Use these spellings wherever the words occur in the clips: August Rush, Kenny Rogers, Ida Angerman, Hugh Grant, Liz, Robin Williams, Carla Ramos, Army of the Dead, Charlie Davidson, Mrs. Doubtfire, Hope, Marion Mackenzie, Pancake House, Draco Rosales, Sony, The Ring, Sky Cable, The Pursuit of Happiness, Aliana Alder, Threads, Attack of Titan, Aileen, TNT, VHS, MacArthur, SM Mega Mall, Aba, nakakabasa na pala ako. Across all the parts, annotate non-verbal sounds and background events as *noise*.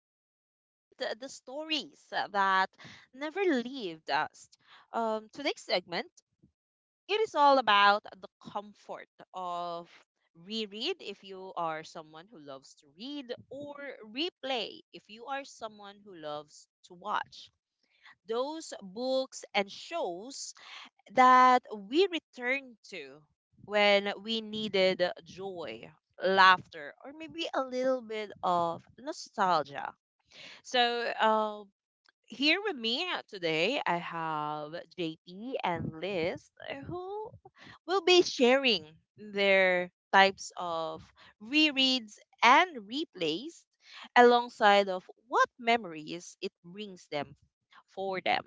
we celebrate the stories that never leave us. Today's segment, it is all about the comfort of reread if you are someone who loves to read, or replay if you are someone who loves to watch. Those books and shows that we return to when we needed joy, laughter, or maybe a little bit of nostalgia. So, uh, Here with me today, I have JP and Liz, who will be sharing their types of rereads and replays alongside of what memories it brings them.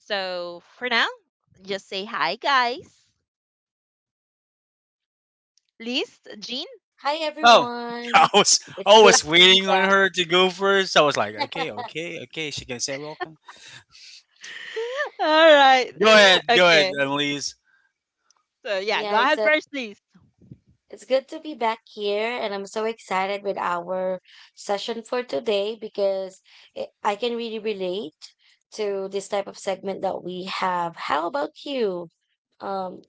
So, for now, just say hi, guys. List? Jean? Hi Oh, *laughs* I everyone. was It's I good was to be waiting on back. her to go first. I was like, *laughs* okay. She can say welcome. *laughs* All right. *laughs* Go ahead, Okay. Elise. So yeah, go Yeah, ahead so first, please. it's good to be back here and I'm so excited with our session for today because I can really relate to this type of segment that we have. How about you? Um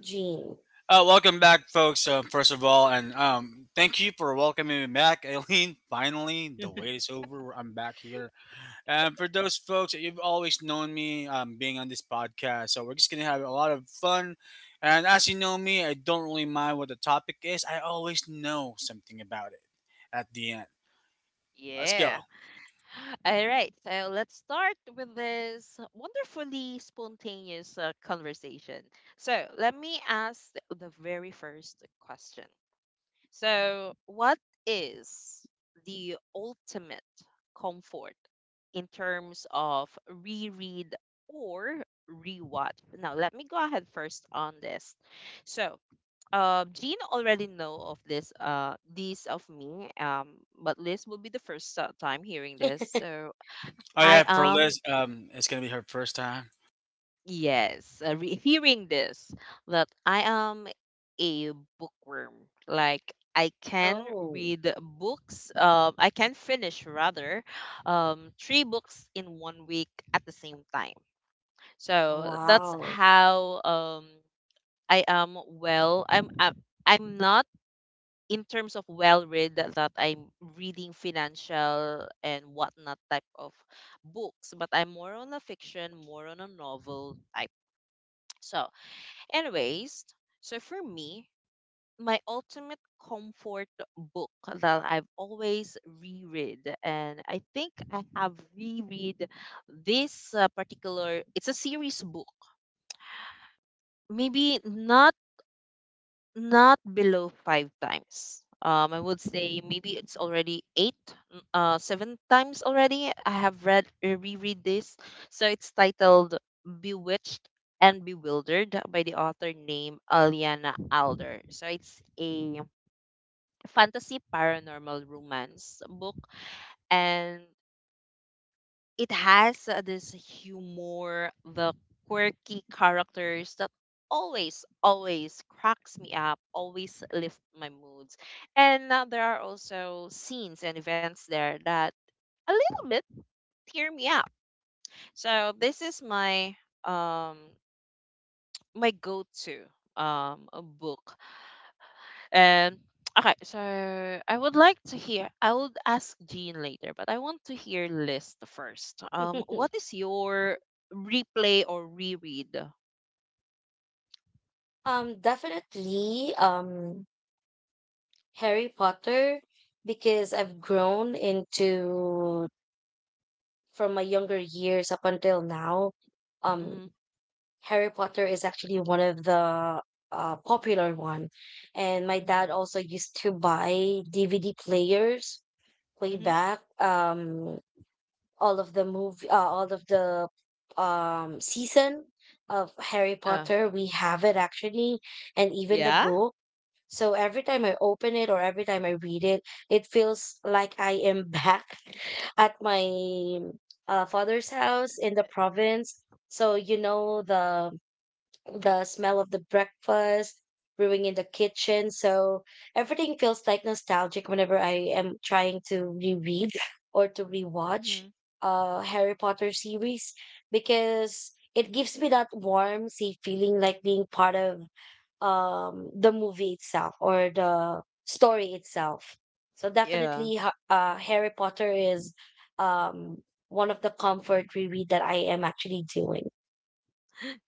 Jean. Welcome back, folks. First of all, and thank you for welcoming me back, *laughs* Aileen. Finally, the wait *laughs* is over. I'm back here. And for those folks, you've always known me being on this podcast, so we're just gonna have a lot of fun. And as you know me, I don't really mind what the topic is. I always know something about it at the end. Let's Yeah. go. *sighs* All right. So let's start with this wonderfully spontaneous conversation. So let me ask the very first question. So, what is the ultimate comfort in terms of reread or rewatch? Now, let me go ahead first on this. So, Jean already know of this, but Liz will be the first time hearing this. So, Oh I yeah, for am Liz, it's gonna be her first time. Yes, re- hearing this, that I am a bookworm. Like I can Oh, read books, I can finish rather, three books in 1 week at the same time. So that's wow. how I am well. I'm not in terms of well read, that I'm reading financial and whatnot type of books, but I'm more on a fiction, more on a novel type. So Anyways, so for me, my ultimate comfort book that I've always reread, and I think I have reread this it's a series book. Maybe not below five times. I would say maybe it's already eight, seven times already. I have read reread this, so it's titled "Bewitched and Bewildered" by the author named Aliana Alder. So it's a fantasy paranormal romance book, and it has this humor, the quirky characters that always, always cracks me up, always lift my moods. And there are also scenes and events there that a little bit tear me up. So this is my um my go-to book Um. Okay, so I would like to hear. I would ask Jean later, but I want to hear List first. *laughs* What is your replay or reread? Definitely, Harry Potter, because I've grown into from my younger years up until now, um, Mm-hmm, Harry Potter is actually one of the popular one. And my mm-hmm, dad also used to buy DVD players way mm-hmm. back. All of the season of Harry Uh, Potter, we have it actually, and even the yeah. book. So every time I open it or every time I read it, it feels like I am back *laughs* at my father's house in the province. So you know the smell of the breakfast brewing in the kitchen. So everything feels like nostalgic whenever I am trying to reread or to Mm-hmm. rewatch Harry Potter series because it gives me that warm, safe feeling like being part of the movie itself or the story itself. So Yeah. *laughs* definitely Harry Potter is um one of the comfort reread that I am actually doing.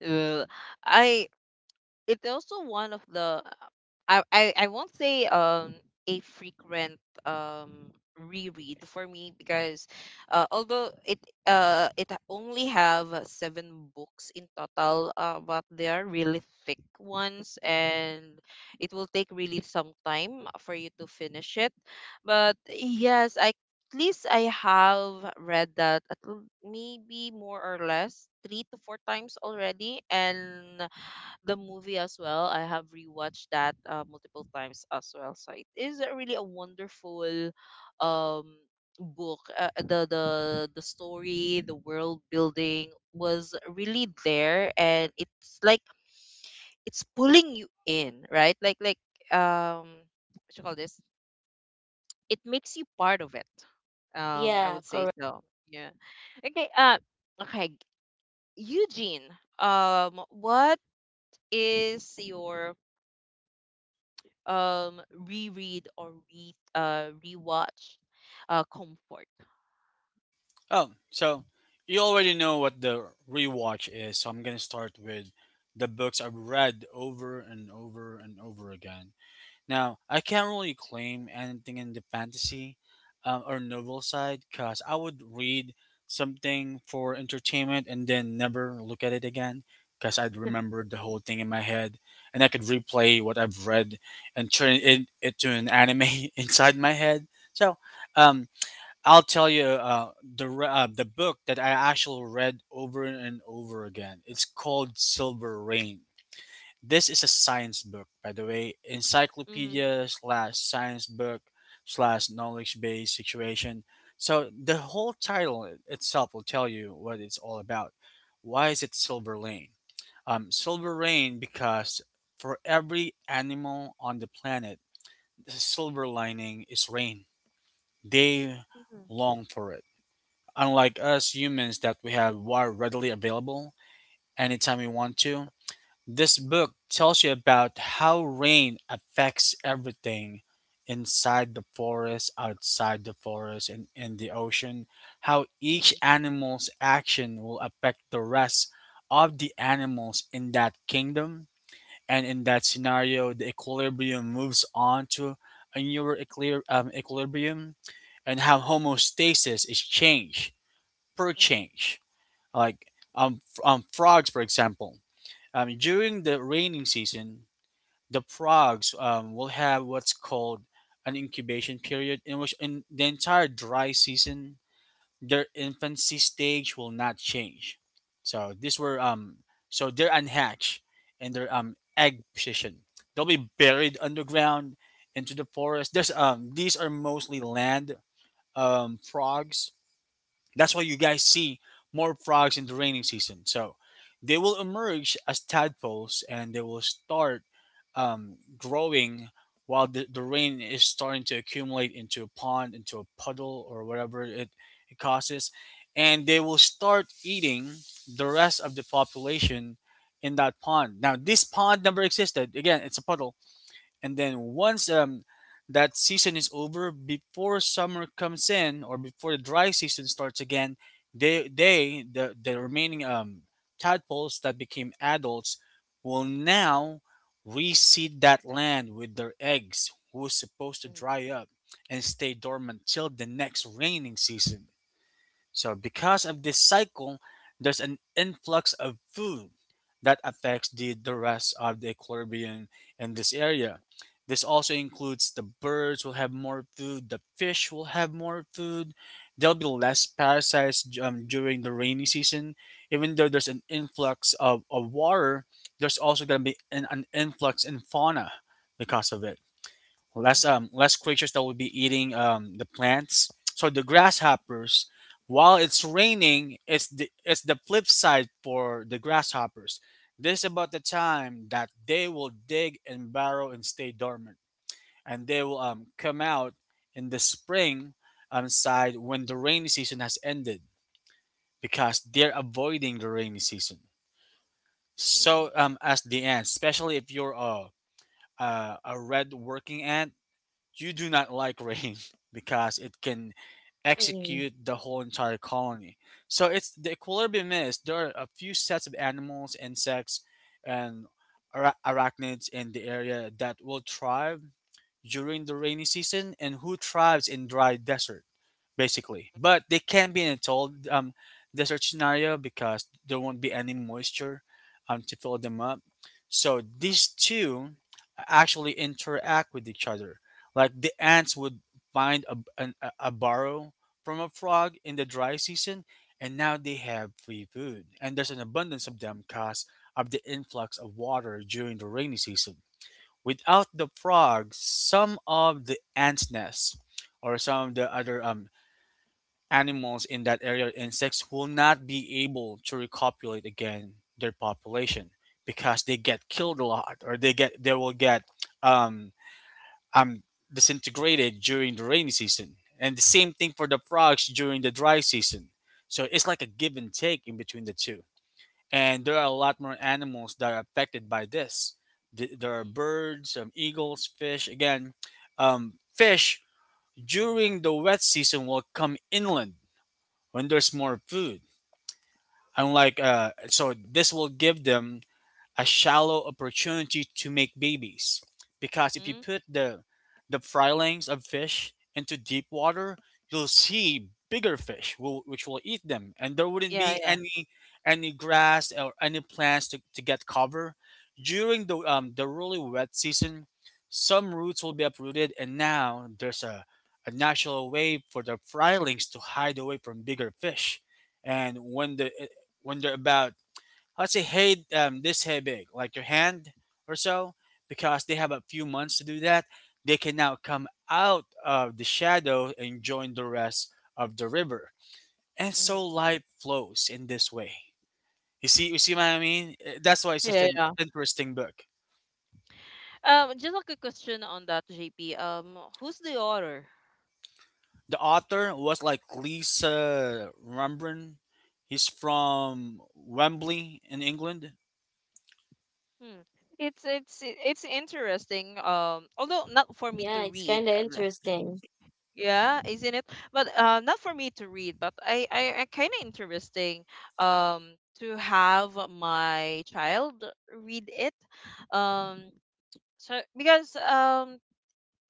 Well, I it's also one of the I won't say a frequent reread for me because although it only have seven books in total, but they are really thick ones and it will take really some time for you to finish it, but yes, I at least I have read that at maybe more or less three to four times already, and the movie as well. I have rewatched that multiple times as well. So it is a really a wonderful um book. The story, the world building was really there, and it's like it's pulling you in, right? Like um what you call this? It makes you part of it. I Yeah, would say correct. so. Yeah. Okay. Okay. Eugene. What is your um reread or re rewatch comfort? Oh, so you already know what the rewatch is, so I'm gonna start with the books I've read over and over and over again. Now, I can't really claim anything in the fantasy or novel side, because I would read something for entertainment and then never look at it again, because I'd remember the whole thing in my head and I could replay what I've read and turn it into an anime *laughs* inside my head. So, um, I'll tell you the book that I actually read over and over again. It's called Silver Rain. This is a science book, by the way. Mm-hmm. Encyclopedia slash science book slash knowledge based situation. So the whole title itself will tell you what it's all about. Why is it Silver Lane? Silver Lane because for every animal on the planet, the silver lining is rain. They Mm-hmm. long for it. Unlike us humans, that we have water readily available anytime we want to, this book tells you about how rain affects everything inside the forest, outside the forest, and in the ocean, how each Mm-hmm. animal's action will affect the rest of the animals in that kingdom. And in that scenario, the equilibrium moves on to a newer equilibrium, and how homeostasis is change per change. Like frogs, for example, during the raining season, the frogs will have what's called an incubation period, in which in the entire dry season, their infancy stage will not change. So this were, so they're unhatched and their egg position. They'll be buried underground into the forest. There's these are mostly land frogs, that's why you guys see more frogs in the raining season. So they will emerge as tadpoles and they will start growing while the rain is starting to accumulate into a pond, into a puddle, or whatever it causes. And they will start eating the rest of the population in that pond. Now, this pond never existed. Again, it's a puddle. And then, once that season is over, before summer comes in or before the dry season starts again, the the remaining tadpoles that became adults will now reseed that land with their eggs, who is supposed to Mm-hmm. dry up and stay dormant till the next raining season. So, because of this cycle, there's an influx of food that affects the rest of the equilibrium in this area. This also includes the birds will have more food, the fish will have more food. There'll be less parasites during the rainy season. Even though there's an influx of water, there's also going to be an influx in fauna because of it. Less less creatures that will be eating the plants. So the grasshoppers, while it's raining, it's the flip side for the grasshoppers. This is about the time that they will dig and burrow and stay dormant, and they will come out in the spring side when the rainy season has ended, because they're avoiding the rainy season. Mm-hmm. So as the ants, especially if you're a red working ant, you do not like rain *laughs* because it can Mm. execute the whole entire colony. So it's the equilibrium is, there are a few sets of animals, insects, and arachnids in the area that will thrive during the rainy season, and who thrives in dry deserts basically. But they can be in a cold desert scenario because there won't be any moisture to fill them up. So these two actually interact with each other. Like the ants would find a burrow from a frog in the dry season, and now they have free food. And there's an abundance of them because of the influx of water during the rainy season. Without the frogs, some of the ants' nests or some of the other animals in that area, insects, will not be able to recopulate again their population, because they get killed a lot, or they will get um, um disintegrated during the rainy season. And the same thing for the frogs during the dry season. So it's like a give and take in between the two. And there are a lot more animals that are affected by this. There are birds, eagles, fish. Again, fish during the wet season will come inland when there's more food. Unlike so this will give them a shallow opportunity to make babies. Because if you Mm-hmm. put the filings of fish into deep water, you'll see bigger fish will, which will eat them, and there wouldn't Yeah, be yeah. Any grass or any plants to get cover during the really wet season. Some roots will be uprooted, and now there's a natural way for the frylings to hide away from bigger fish. And when when they're about, let's say, hey this hey big, like your hand or so, because they have a few months to do that, they can now come out of the shadow and join the rest of the river. And so Mm-hmm. life flows in this way. You see, you see what I mean? That's why it's such Yeah, an yeah. interesting book. Just like a question on that, JP. Who's the author? The author was like Lisa Rumbrun. He's from Wembley in England. Hmm. It's interesting. Although not for me Yeah, to it's read. kind of interesting. Yeah, isn't it? But not for me to read, but I kind of interesting um to have my child read it. Um, so because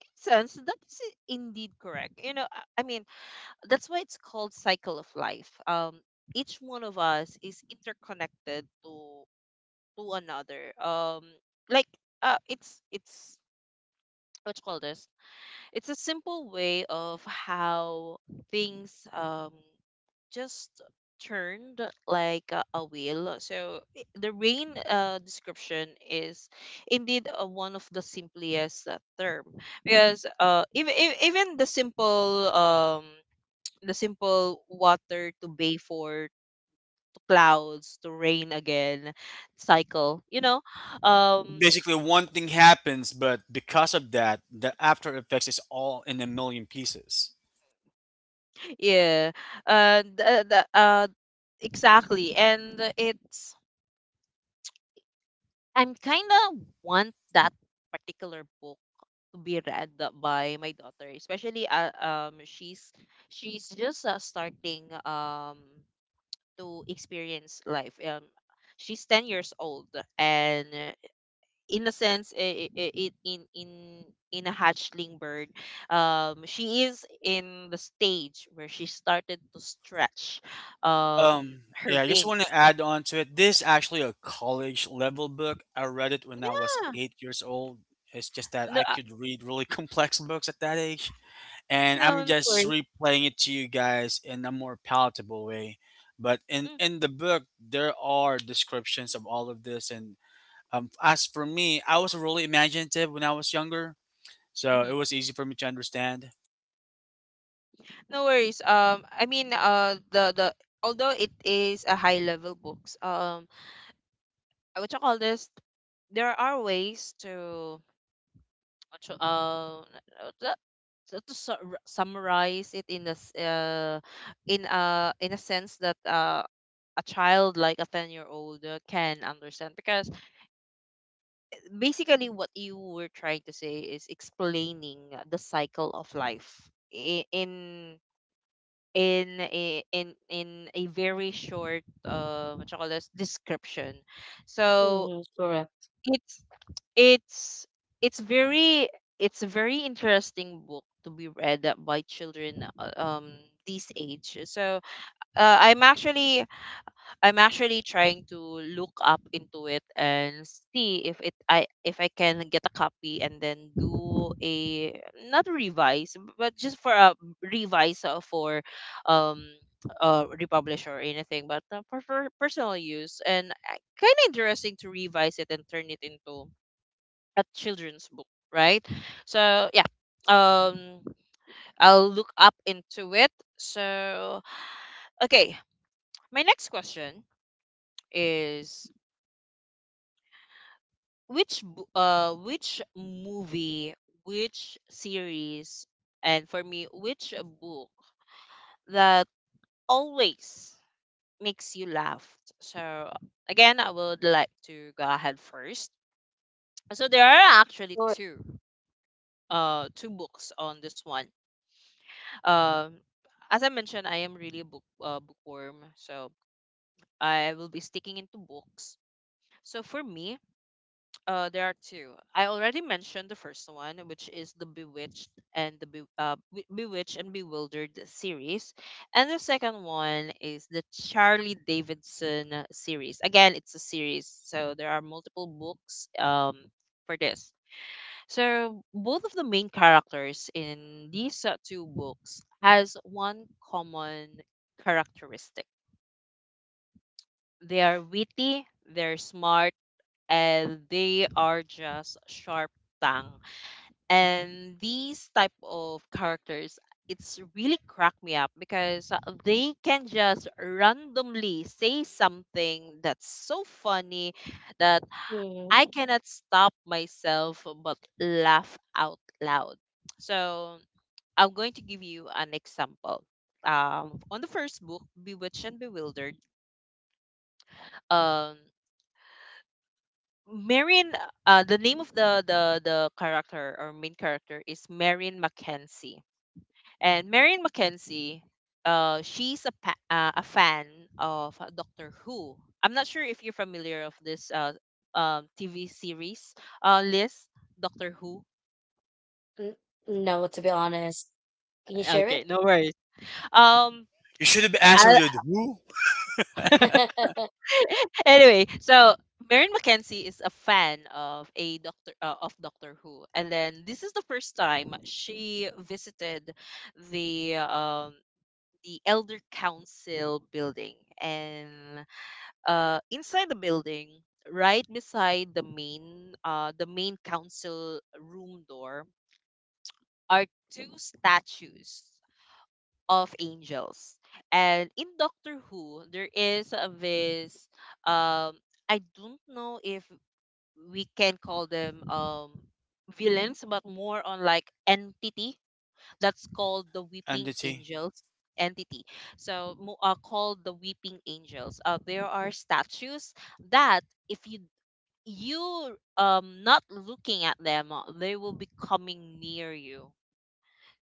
in sense that's indeed correct. You know, I mean that's why it's called cycle of life. Each one of us is interconnected to another. Like it's what you call this? It's a simple way of how things just turned like a wheel. So the rain description is indeed one of the simplest term, because even the simple water to bay for to clouds to rain again cycle, you know. Um Yeah, basically one thing happens, but because of that, the after effects is all in a million pieces. yeah the Exactly. and it's I'm kind of want that particular book to be read by my daughter, especially she's just starting to experience life. She's 10 years old, and in a sense, I- it in a hatchling bird, she is in the stage where she started to stretch, So, um, um, her yeah, I just want wings. to add on to it. This is actually a college level book. I read it when I was Yeah. 8 years old. It's just that No, I could read really *laughs* complex books at that age. And no, I'm no just worries. replaying it to you guys in a more palatable way. But Mm. in the book, there are descriptions of all of this. And as for me, I was really imaginative when I was younger. So it Mm-hmm. was easy for me to understand. No worries. I mean, the although it is a high level books, I would call this. There are ways to, to uh, to, to summarize it in this, in a sense that a child like a 10 year old can understand, because basically what you were trying to say is explaining the cycle of life in, in in a very short, what you call this, description. So Mhm, correct. it's it's it's very, it's a very interesting book to be read by children uh, um this age. Uh, i'm actually I'm actually trying to look up into it and see if it I if I can get a copy, and then do a not revise but just for a revise, for um republish or anything, but for personal use. And kind of interesting to revise it and turn it into a children's book, right? So yeah, um I'll look up into it. So okay, my next question is, which which movie, which series, and for me, which book that always makes you laugh? So again, I would like to go ahead first. So there are actually Sure. Two books on this one. Um, as I mentioned, I am really a bookworm, so I will be sticking into books. So for me, uh, there are two. I already mentioned the first one, which is the Bewitched and Bewildered series, and the second one is the Charlie Davidson series. Again, it's a series, so there are multiple books for this. So both of the main characters in these two books has one common characteristic. They are witty, they're smart, and they are just sharp tongue, and these type of characters, it's really cracked me up because they can just randomly say something that's so funny that Mhm. I cannot stop myself but laugh out loud. So I'm going to give you an example. Um, on the first book, Bewitched and Bewildered, um, marion the name of the, the character or main character is Marion Mackenzie. And Marion Mackenzie, she's a a fan of Doctor Who. I'm not sure if you're familiar of this TV series, list, Doctor Who. N- No, to be honest. Can you share Okay, it? no worries. Um, You should have I, answered with who. anyway, so Marion Mackenzie is a fan of a Doctor Who, and then this is the first time she visited the um the Elder Council building, and inside the building, right beside the main council room door, are two statues of angels. And in Doctor Who, there is a this, um, I don't know if we can call them, villains, but more on like entity that's called the Weeping Entity. Angels entity. So mo- called the Weeping Angels. There are statues that if you not looking at them, they will be coming near you.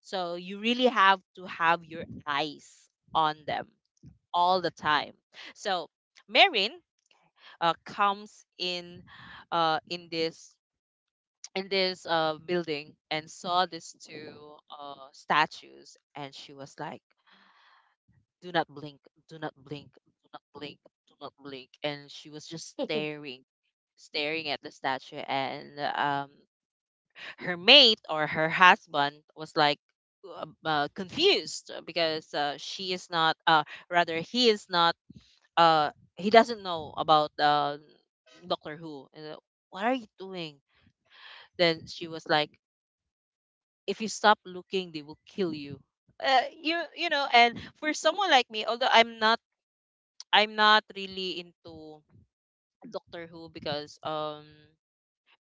So you really have to have your eyes on them all the time. So Marin comes in uh in this in this building and saw these two statues, and she was like, do not blink, do not blink, do not blink, do not blink. And she was just *laughs* staring at the statue. And um, her mate or her husband was like, confused, because she is not rather he is not, uh, he doesn't know about Doctor Who. And, what are you doing? Then she was like, if you stop looking, they will kill you. Uh, you know, and for someone like me, although I'm not really into Doctor Who, because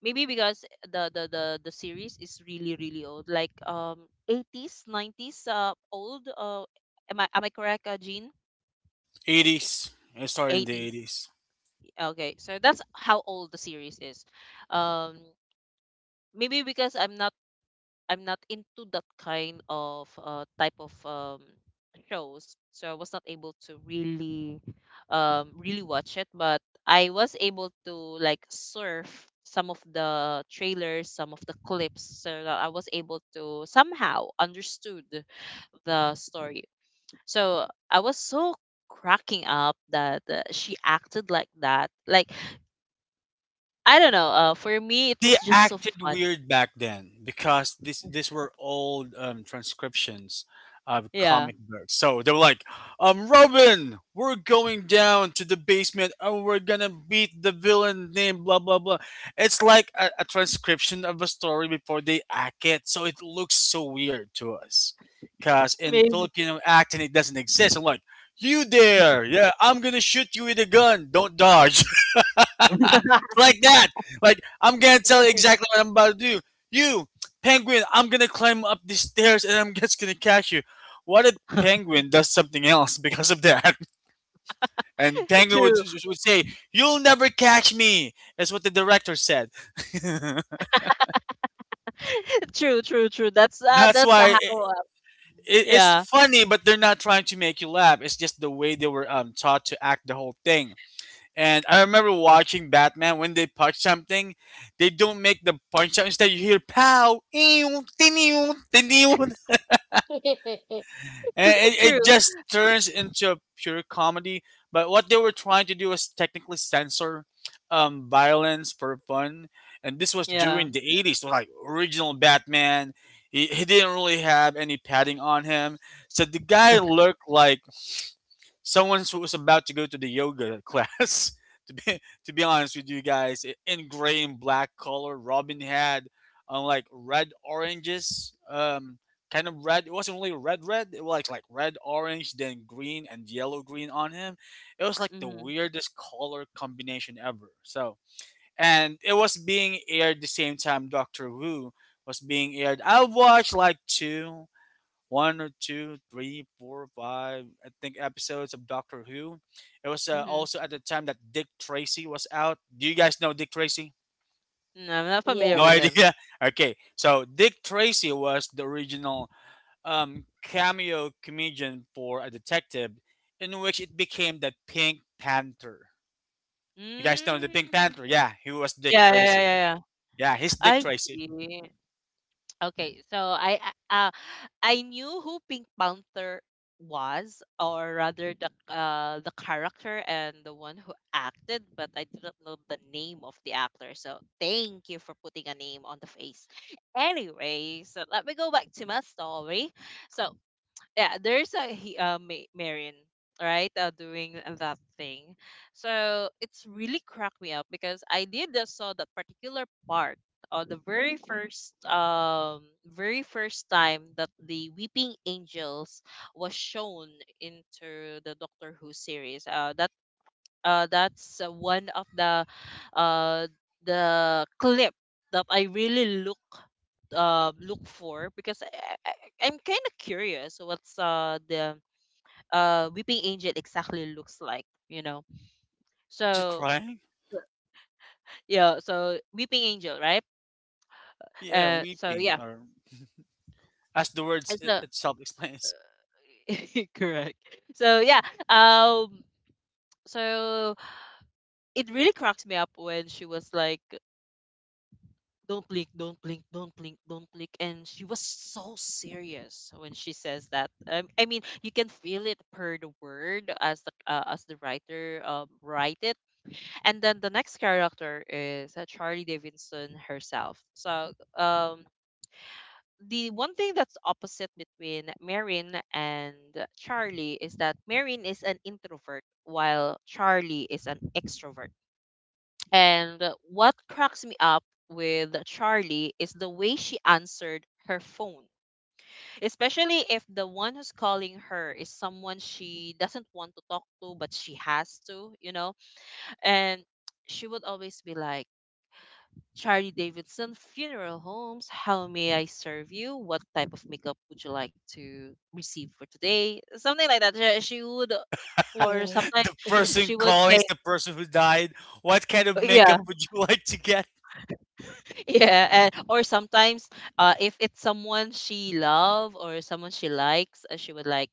maybe because the series is really really old like 80s 90s old, uh, am I correct, Jean? 80s. It started in the 80s, 80s. okay, so that's how old the series is. Um, maybe because I'm not into that kind of type of shows, so I was not able to really, really watch it. But I was able to like surf some of the trailers, some of the clips, so that I was able to somehow understood the story. So I was so cracking up that she acted like that. Like I don't know. For me, it They was just so acted fun. weird back then, because this these were old transcriptions of Yeah, comic books. So they were like, Robin, we're going down to the basement and we're gonna beat the villain named blah blah blah. It's like a transcription of a story before they act it, so it looks so weird to us. Cause in maybe Filipino acting it doesn't exist. I'm like, you there? Yeah, I'm gonna shoot you with a gun. Don't dodge. *laughs* Like that. Like I'm gonna tell you exactly what I'm about to do. You, penguin, I'm gonna climb up these stairs and I'm *laughs* just gonna catch you. What if *laughs* penguin does something else *laughs* because of that? *laughs* And penguin true. would say, "You'll never catch me." That's what the director said. *laughs* *laughs* True, true, true. That's That's why. how. It's Yeah, funny, but they're not trying to make you laugh. It's just the way they were taught to act the whole thing. And I remember watching Batman, when they punch something, they don't make the punch out. Instead, you hear pow, ew, tiniw, tiniw. And true. it just turns into a pure comedy. But what they were trying to do was technically censor violence for fun. And this was Yeah. during the 80s, so like original Batman. He didn't really have any padding on him. So the guy looked like someone who was about to go to the yoga class. *laughs* to be to be honest with you guys, in gray and black color, Robin had like red oranges, kind of red. It wasn't really red red. It was like red orange, then green and yellow green on him. It was like the Mhm. weirdest color combination ever. So, and it was being aired the same time Doctor Who was being aired. I watched like two, one or two, three, four, five, I think episodes of Doctor Who. It was Mhm. also at the time that Dick Tracy was out. Do you guys know Dick Tracy? No, I'm not familiar No with idea. Yes. him. *laughs* Okay, so Dick Tracy was the original cameo comedian for a detective, in which it became the Pink Panther. You guys know the Pink Mm. Panther? Yeah, he was Dick Yeah, yeah, yeah, Tracy. yeah, yeah. Yeah, he's Dick I Tracy. see. Okay, so uh I knew who Pink Panther was, or rather the character and the one who acted, but I didn't know the name of the actor. So thank you for putting a name on the face. Anyway, so let me go back to my story. So yeah, there's a he Ma- Marion, right, doing that thing. So it's really cracked me up because I did saw that particular part on the very first time that the Weeping Angels was shown into the Doctor Who series. That's one of uh the clip that I really look for because I'm kind of curious what's the weeping angel exactly looks like, you know. Was it So crying? yeah, so weeping angel, right? Yeah, So weeping, yeah, or as the words it, so itself *laughs* explains. *laughs* correct. So yeah, um, so it really cracks me up when she was like, "Don't blink, don't blink, don't blink, don't blink," and she was so serious when she says that. I mean, you can feel it per the word as the writer write it. And then the next character is Charlie Davidson herself. So um, the one thing that's opposite between Marin and Charlie is that Marin is an introvert while Charlie is an extrovert. And what cracks me up with Charlie is the way she answered her phone, especially if the one who's calling her is someone she doesn't want to talk to, but she has to, you know? And she would always be like, Charlie Davidson Funeral Homes. How may I serve you? What type of makeup would you like to receive for today? Something like that. She would, or Mhm. sometimes The person she would calling say, is the person who died. What kind of *laughs* makeup yeah, would you *laughs* like to get? yeah, and or sometimes, if it's someone she love or someone she likes, she would like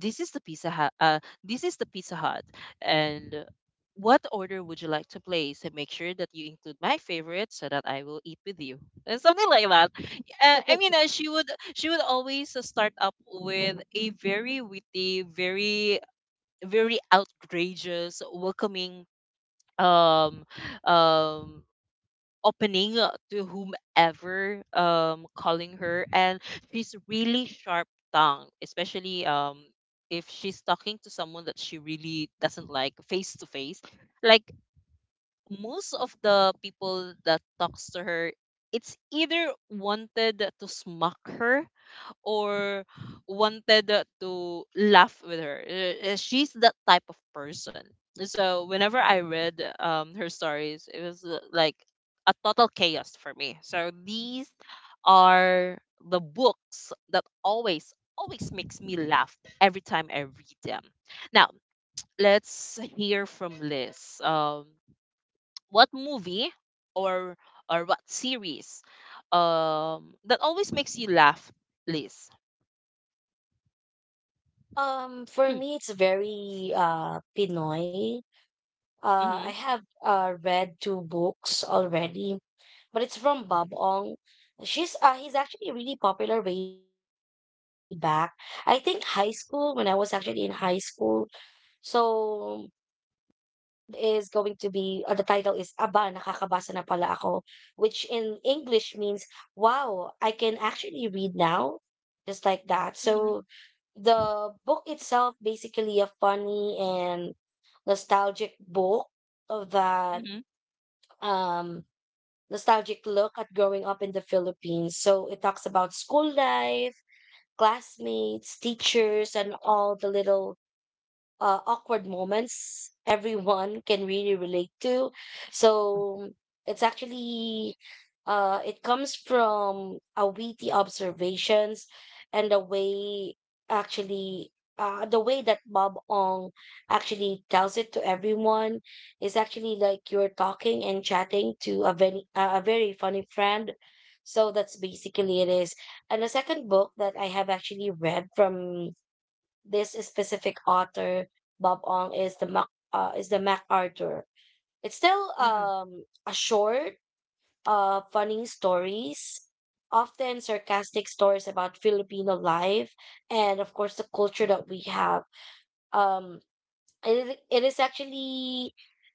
this is the pizza hut, this is the pizza hut and what order would you like to place and make sure that you include my favorite so that I will eat with you and something like that. I mean, *laughs* she would always start up with a very witty, very, very outrageous welcoming um um opening to whomever calling her. And she's really sharp tongue, especially if she's talking to someone that she really doesn't like face to face. Like most of the people that talks to her, it's either wanted to smack her or wanted to laugh with her. She's that type of person. So whenever I read her stories, it was like a total chaos for me. So these are the books that always always makes me laugh every time I read them. Now, let's hear from Liz. What movie or or what series that always makes you laugh, Liz? For me, it's *clears throat* very Pinoy. I Mhm. have read two books already, but it's from Bob Ong. She's he's actually really popular way back. I think high school when I was actually in high school. So The film is going to be the title is Aba, nakakabasa na pala ako, which in English means wow, I can actually read now, just like that. Mhm. So the book itself basically a funny and nostalgic book of that Mhm. um nostalgic look at growing up in the Philippines. So it talks about school life, classmates, teachers, and all the little awkward moments everyone can really relate to. So it's actually it comes from a witty observations and the way actually the way that Bob Ong actually tells it to everyone is actually like you're talking and chatting to a very a very funny friend. So that's basically it is. And the second book that I have actually read from this specific author, Bob Ong, is the MacArthur. It's still Mhm. A short, funny stories, often sarcastic stories about Filipino life and, of course, the culture that we have. Um, it it is actually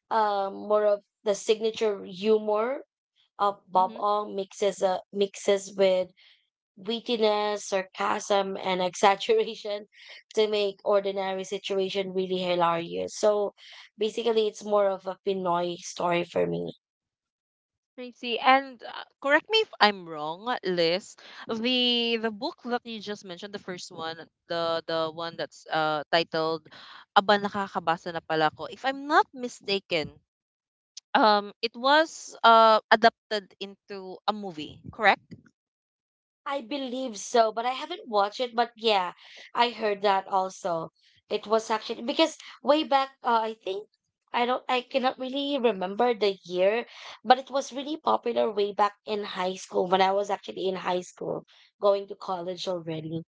more of the signature humor of Bob Mhm. Ong mixes with wittiness, sarcasm, and exaggeration *laughs* to make ordinary situation really hilarious. So basically, it's more of a Pinoy story for me. I see. And correct me if I'm wrong, Liz. The book that you just mentioned, the first one, the one that's titled Aba nakakabasa na pala ko. If I'm not mistaken, it was adapted into a movie, correct? I believe so, but I haven't watched it. But yeah, I heard that also. It was actually because way back, I think I cannot really remember the year, but it was really popular way back in high school when I was actually in high school, going to college already.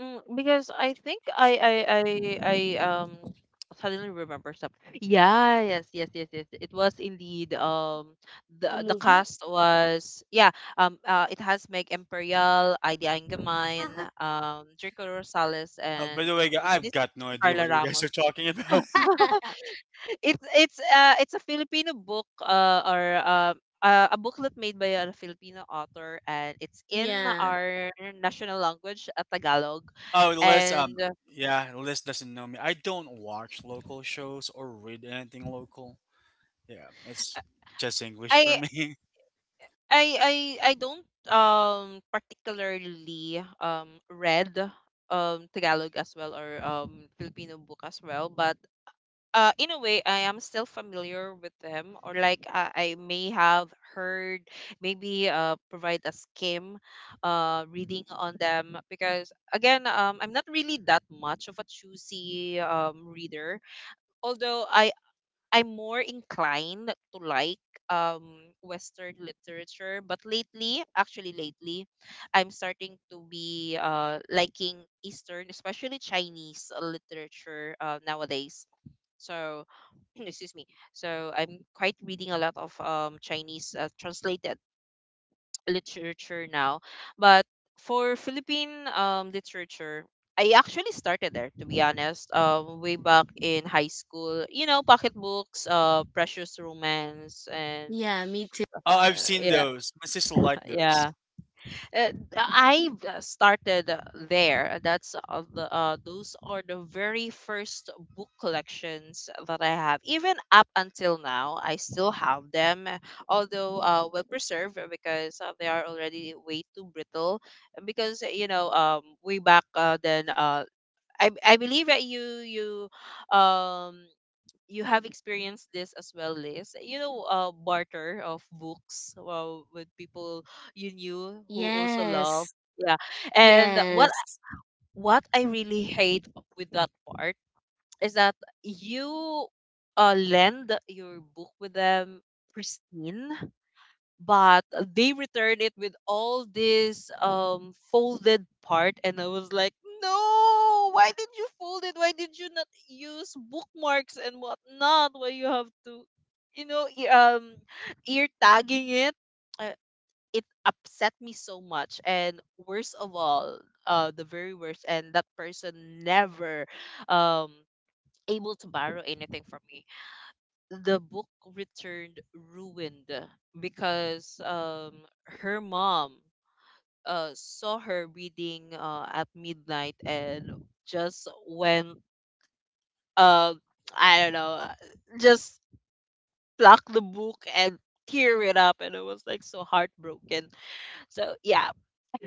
Mm, because I think I *tsk* suddenly remember something. Yeah, yes, yes, yes, yes. It was indeed A the movie? cast was yeah it has Meg Imperial, Ida Angerman, Uh-huh. Draco Rosales, Uh, and by the way, who's I've this? got no idea Carla what you guys Ramos. are talking about. *laughs* *laughs* It's it's a Filipino book or a booklet made by a Filipino author and it's in Yeah. our national language, Tagalog. Oh, oh, Liz, And yeah, Liz doesn't know me. I don't watch local shows or read anything local. Yeah, it's just English for I me. *laughs* I I I don't particularly read Tagalog as well or Filipino book as well, but in a way, I am still familiar with them, or like I may have heard, maybe provide a skim, reading on them because again, I'm not really that much of a choosy reader. Although I'm more inclined to like um Western literature, but lately, actually lately, I'm starting to be liking Eastern, especially Chinese literature nowadays. So, *clears throat* excuse me. So I'm quite reading a lot of Chinese translated literature now. But for Philippine literature, I actually started there, to be honest, way back in high school. You know, pocketbooks, precious romance, and Yeah, me too. Oh, I've seen yeah, those. My sister liked those. yeah, uh, I started there. That's the those are the very first book collections that I have. Even up until now, I still have them, although well preserved because they are already way too brittle. Because you know, way back then, I believe that you um you have experienced this as well, Liz. You know, barter of books with people you knew who also love. Yes. Yeah, and Yes. what I really hate with that part is that you lend your book with them pristine, but they returned it with all this folded part. And I was like, no, why did you fold it? Why did you not use bookmarks and whatnot? Why you have to, you know, ear tagging it. uh, it upset me so much. And worst of all, the very worst, and that person never um able to borrow anything from me. The book returned ruined because her mom saw her reading at midnight and just went, uh I don't know, just plucked the book and tear it up, and I was like, so heartbroken. So yeah,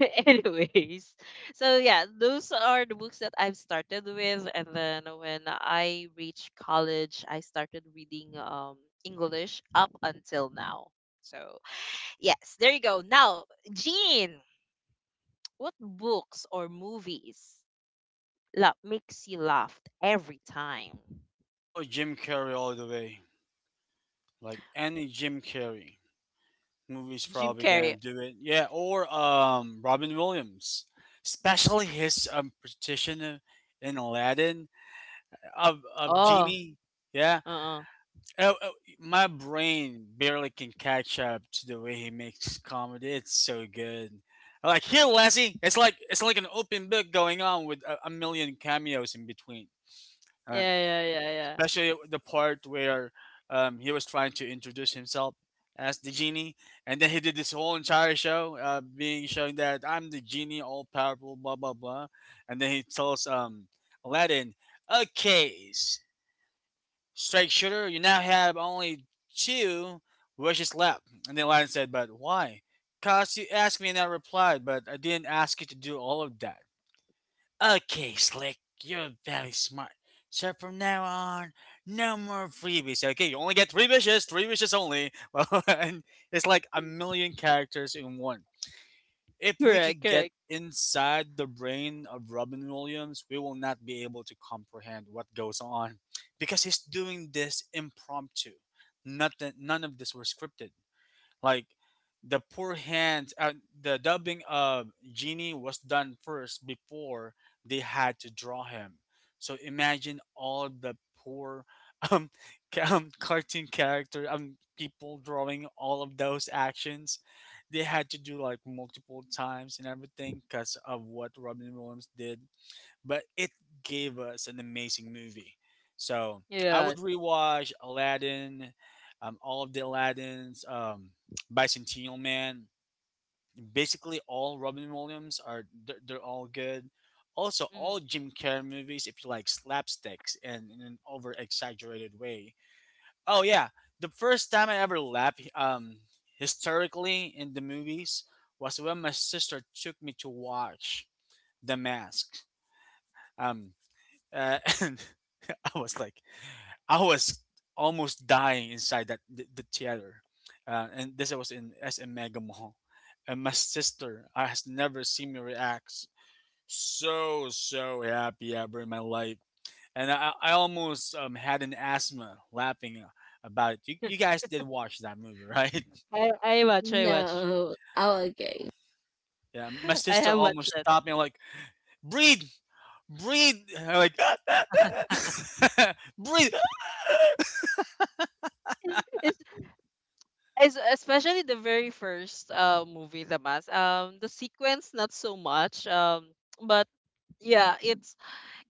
*laughs* anyways, so yeah, those are the books that I've started with, and then when I reached college, I started reading English up until now. So yes, there you go. Now, Jean, what books or movies makes you laugh every time? Oh, Jim Carrey all the way. Like any Jim Carrey movie's Jim probably gonna Carrey. do it. Yeah, or Robin Williams, especially his partition in Aladdin of Oh, genie. Yeah, uh-uh. Uh, uh, my brain barely can catch up to the way he makes comedy. It's so good. I'm like, here, Lassie, it's like an open book going on with a million cameos in between. Uh, Yeah, yeah, yeah, yeah. especially the part where he was trying to introduce himself as the genie, and then he did this whole entire show, being showing that I'm the genie, all powerful, blah blah blah, and then he tells Aladdin, "Okay, straight shooter, you now have only two wishes left." And then Aladdin said, "But why? Cause you asked me and I replied, but I didn't ask you to do all of that. Okay, Slick, you're very smart. So from now on, no more freebies. Okay, you only get three wishes only." *laughs* Well, and it's like a million characters in one. If we Correct, could get correct. inside the brain of Robin Williams, we will not be able to comprehend what goes on because he's doing this impromptu. Nothing, none of this were scripted. Like the poor hands, the dubbing of Genie was done first before they had to draw him. So imagine all the poor *laughs* um, cartoon character people drawing all of those actions. They had to do like multiple times and everything because of what Robin Williams did, but it gave us an amazing movie. So I would Yeah. rewatch Aladdin, all of the Aladdins, Bicentennial Man, basically all Robin Williams are, they're all good. Also, all Mm. Jim Carrey movies, if you like slapsticks and in an over exaggerated way. Oh yeah, the first time I ever laughed historically in the movies was when my sister took me to watch The Mask. Um, uh, *laughs* *laughs* I was like, I was almost dying inside that the theater, and this was in SM Mega Mall, and my sister I has never seen me react so happy ever in my life, and I almost had an asthma laughing about it. You guys did watch that movie, right? *laughs* I watch. No. Oh, okay. Yeah, my *laughs* I sister have watched almost that. stopped me. I'm like, breathe, breathe, I'm like *laughs* breathe. *laughs* It's es- especially the very first movie, The Mask. The sequence not so much. But yeah,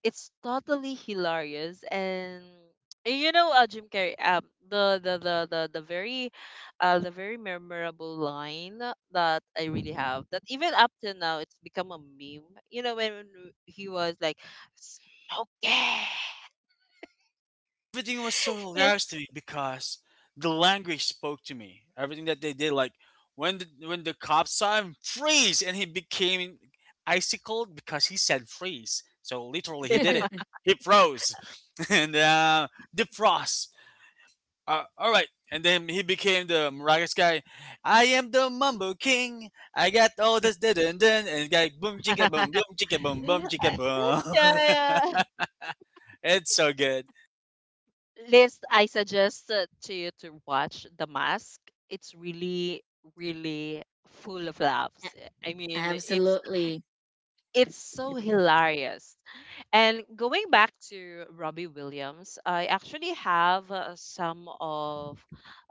it's totally hilarious. And you know Jim Carrey. Um, the the the the the very, the very memorable line that I really have, that even up to now it's become a meme. You know, when he was like, "Smoke it." Everything was so hilarious to me because the language spoke to me. Everything that they did, like when the cops saw him freeze and he became icicled because he said freeze. So literally, he did *laughs* *laughs* it. He froze *laughs* and defrost. All right, and then he became the Maracas guy. I am the Mumbo King. I got all this did and then and guy boom chicka boom boom chicka boom boom Yeah, chicka boom. yeah. *laughs* *laughs* It's so good. Liz, I suggest to you to watch The Mask. It's really, really full of laughs. A- I mean, Absolutely. it's so hilarious. And going back to Robbie Williams, I actually have uh, some of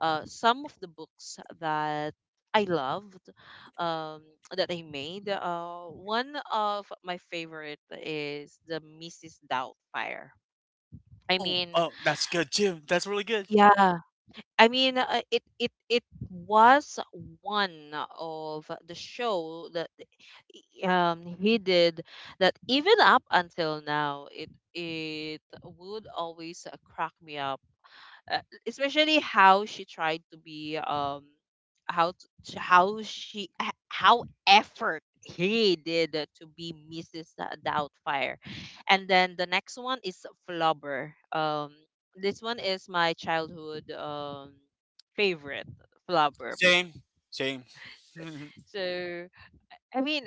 uh, some of the books that I loved, um, that I made. One of my favorite is the Mrs. Doubtfire. I Oh, mean, oh, that's good too. That's really good. yeah, I mean, it was one of the show that he did, that even up until now it would always crack me up, uh, especially how she tried to be, how how how effort he did to be Mrs. Doubtfire. And then the next one is Flubber. This one is my childhood favorite, Flubber. Same, same. *laughs* So I mean,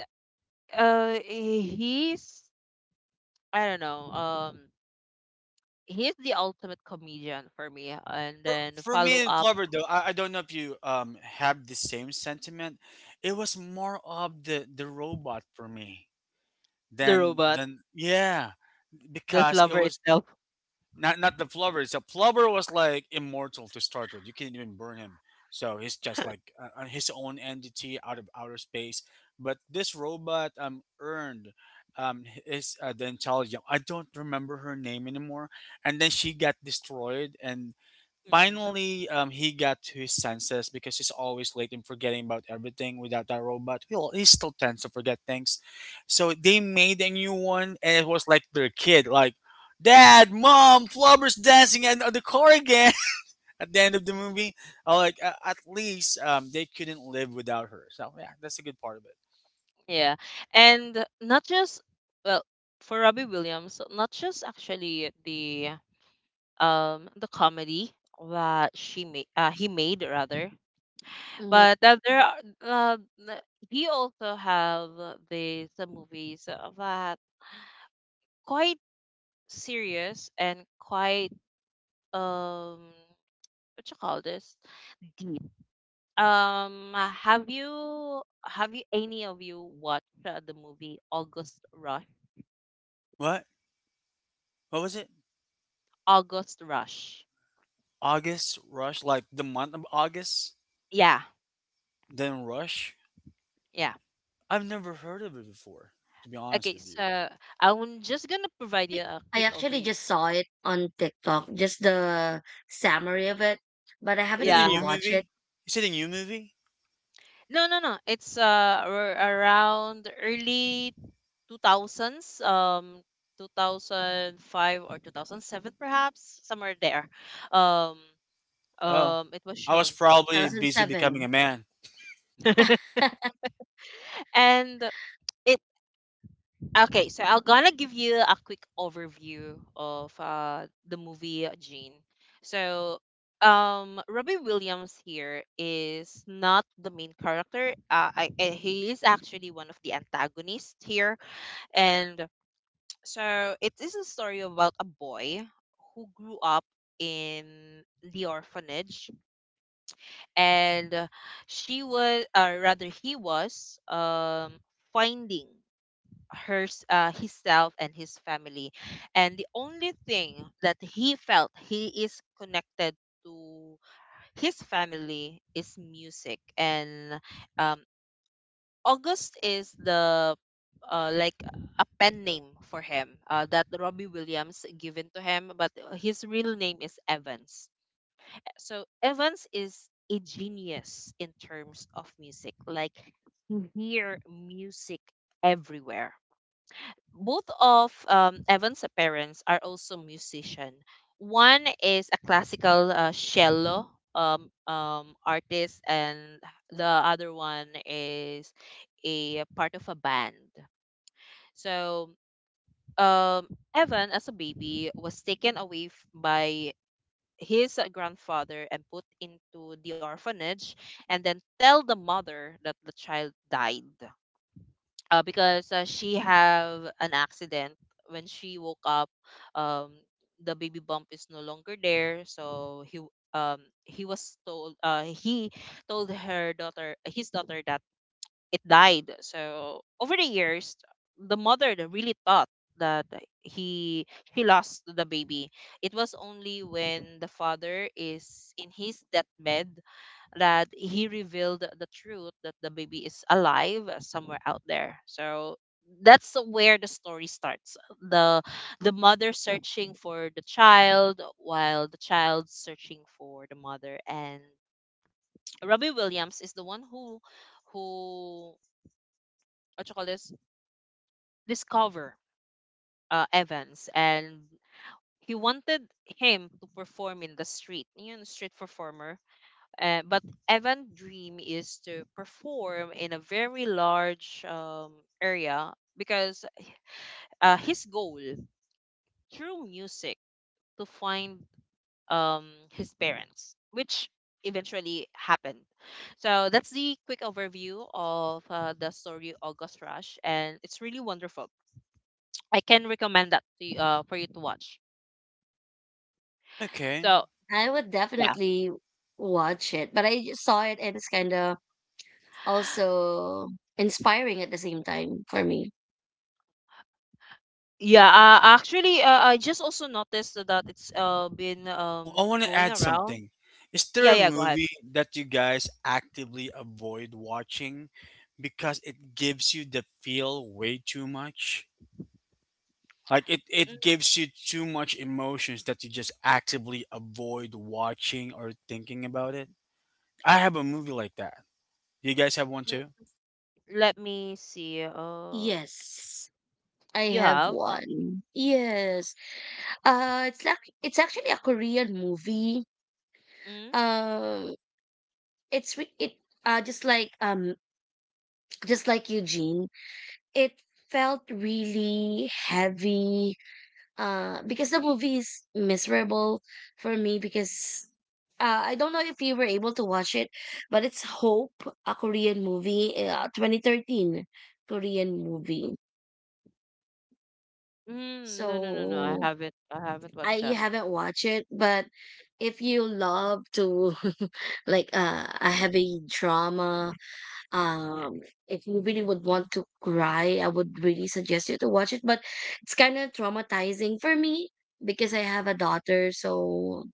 he's, I don't know. He's the ultimate comedian for me, and for then for follow me and up Flubber though, I don't know if you have the same sentiment. It was more of the robot for me the than robot, yeah, the because it flubber was itself. not not the Flubber. So Flubber was like immortal to start with. You can't even burn him. So he's just like his own entity out of outer space. But this robot earned his the intelligence. I don't remember her name anymore. And then she got destroyed, and Mm, finally, he got to his senses because he's always late and forgetting about everything without that robot. He, he still tends to forget things. So they made a new one, and it was like their kid, like, Dad, Mom, Flubber's dancing at the car again *laughs* at the end of the movie. I like, at least they couldn't live without her. So, yeah, that's a good part of it. yeah. And not just, well, for Robbie Williams, not just actually the comedy that she made he made rather, Mhm. but that there are uh, the- he also have these movies that quite serious and quite um what you call this, deep. Have you any of you watched the movie August Rush? What? What was it? August Rush. August Rush? Like the month of August? Yeah, Then Rush? yeah. I've never heard of it before, to be honest Okay, with you. so I'm just gonna provide you Actually, a I quick actually overview. just saw it on TikTok, just the summary of it, but I Is haven't it a really new Yeah. watched movie? it. Is it a new movie? No, no, no. It's around early 2000s, 2005 or 2007 perhaps, somewhere there. Um Oh, it was I shown. was probably busy becoming a 2007. man. *laughs* *laughs* and it Okay, so I'm gonna give you a quick overview of the movie Gene. So, Robbie Williams here is not the main character. He is actually one of the antagonists here. And so it is a story about a boy who grew up in the orphanage, and she was, or rather, he was finding her himself and his family. And the only thing that he felt he is connected to his family is music. And um, August is the like a pen name for him that Robbie Williams given to him, but his real name is Evans. So Evans is a genius in terms of music. Like he hear music everywhere. Both of Evan's parents are also musician. One is a classical cello artist, and the other one is a part of a band. So um, Evan, as a baby, was taken away by his grandfather and put into the orphanage, and then tell the mother that the child died because she have an accident when she woke up, um the baby bump is no longer there, so he was told he told her daughter, his daughter, that it died. So over the years the mother really thought that he she lost the baby. It was only when the father is in his deathbed that he revealed the truth that the baby is alive somewhere out there. So that's where the story starts. The mother searching for the child while the child searching for the mother, and Robbie Williams is the one who, what you call this, discover Evans, and he wanted him to perform in the street. You know, street performer. But Evan dream is to perform in a very large area because his goal through music to find um, his parents, which eventually happened. So that's the quick overview of the story August Rush, and it's really wonderful. I can recommend that to you, for you to watch. Okay. So I would yeah, definitely watch it, but I just saw it and it's kind of also inspiring at the same time for me. yeah. Actually, I just also noticed that it's been Oh, I want to going add around. something. Is there Yeah, a yeah, go ahead. movie that you guys actively avoid watching because it gives you the feel way too much? Like it Mhm. gives you too much emotions that you just actively avoid watching or thinking about it. I have a movie like that. You guys have one too? Let me see. Yes, I You have have? One. Yes. It's like, it's actually a Korean movie. Mm? Um, it's re- it uh just like um just like Eugene, it felt really heavy. Because the movie is miserable for me because I don't know if you were able to watch it, but it's Hope, a Korean movie, 2013 Korean movie. Mm, no, no, no, no. I So haven't. I haven't I watched that. haven't watched it, but if you love to *laughs* like a heavy drama. Um, if you really would want to cry, I would really suggest you to watch it. But it's kind of traumatizing for me because I have a daughter. So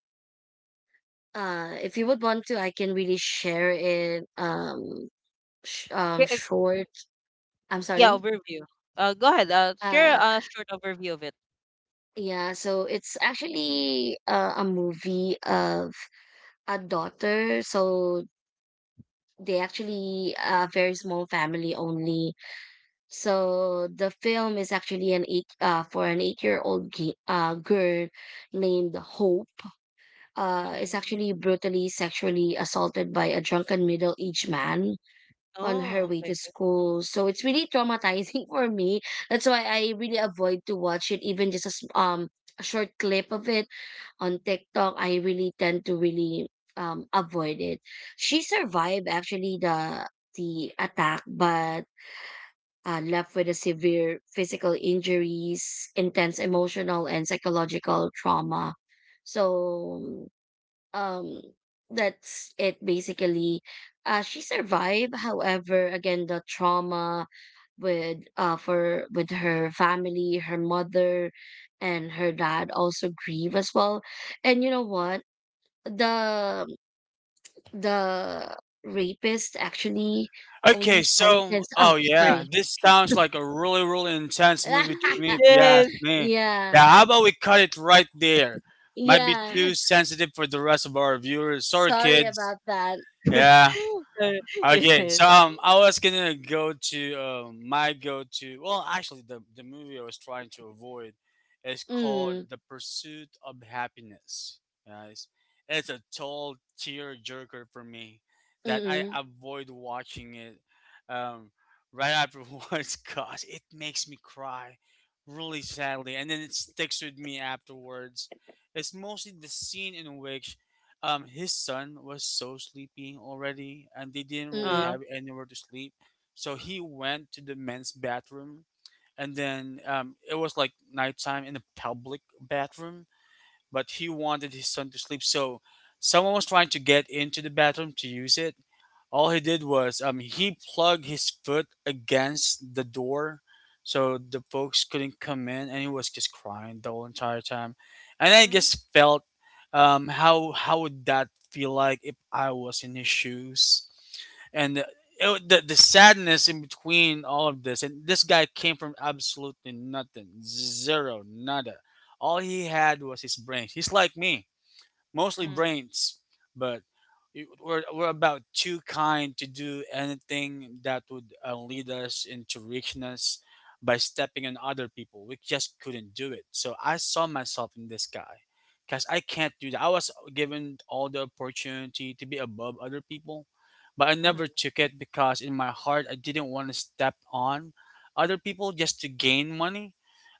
if you would want to, I can really share it. Um, sh- um, K- uh, short. I'm Yeah, sorry. overview. Go ahead. Share Uh, a short overview of it. yeah. So it's actually a movie of a daughter. So they actually a very small family only. So the film is actually an 8-year-old girl named Hope. Is Mm-hmm. actually brutally sexually assaulted by a drunken middle-aged man on her Oh, way okay, to okay. school. So it's really traumatizing *laughs* for me. That's why I really avoid to watch it, even just a a short clip of it on TikTok. I really tend to really avoid it. She survived actually the attack, but left with a severe physical injuries, intense emotional and psychological trauma. So um, that's it basically. She survived, however, again the trauma with her family, her mother, and her dad also grieve as well. And you know what? The the rapist actually only Okay, so sentenced. Oh, oh yeah, sorry. this sounds like a really, really intense movie to *laughs* me, if *laughs* you Yes. ask me. Yeah. Yeah, how about we cut it right there? Might be Yeah. too sensitive for the rest of our viewers. Sorry, Sorry kids. about that. Yeah. *laughs* Uh, Okay, yes. so I was gonna go to my go to. Well, actually, the movie I was trying to avoid is called Mm. "The Pursuit of Happiness." Guys, it's a total tear jerker for me that I Mm. avoid watching it um, right afterwards *laughs* because it makes me cry really sadly, and then it sticks with me afterwards. It's mostly the scene in which his son was so sleepy already, and they didn't really Mm. Uh, have anywhere to sleep. So he went to the men's bathroom, and then it was like nighttime in the public bathroom, but he wanted his son to sleep. So someone was trying to get into the bathroom to use it. All he did was he plugged his foot against the door so the folks couldn't come in, and he was just crying the whole entire time. And I mm, just felt how would that feel like if I was in his shoes? And it, the sadness in between all of this, and this guy came from absolutely nothing, zero, nada. All he had was his brains. He's like me, mostly mm, brains, but we're about too kind to do anything that would lead us into richness by stepping on other people. We just couldn't do it. So I saw myself in this guy because I can't do that. I was given all the opportunity to be above other people, but I never hmm. took it because in my heart I didn't want to step on other people just to gain money.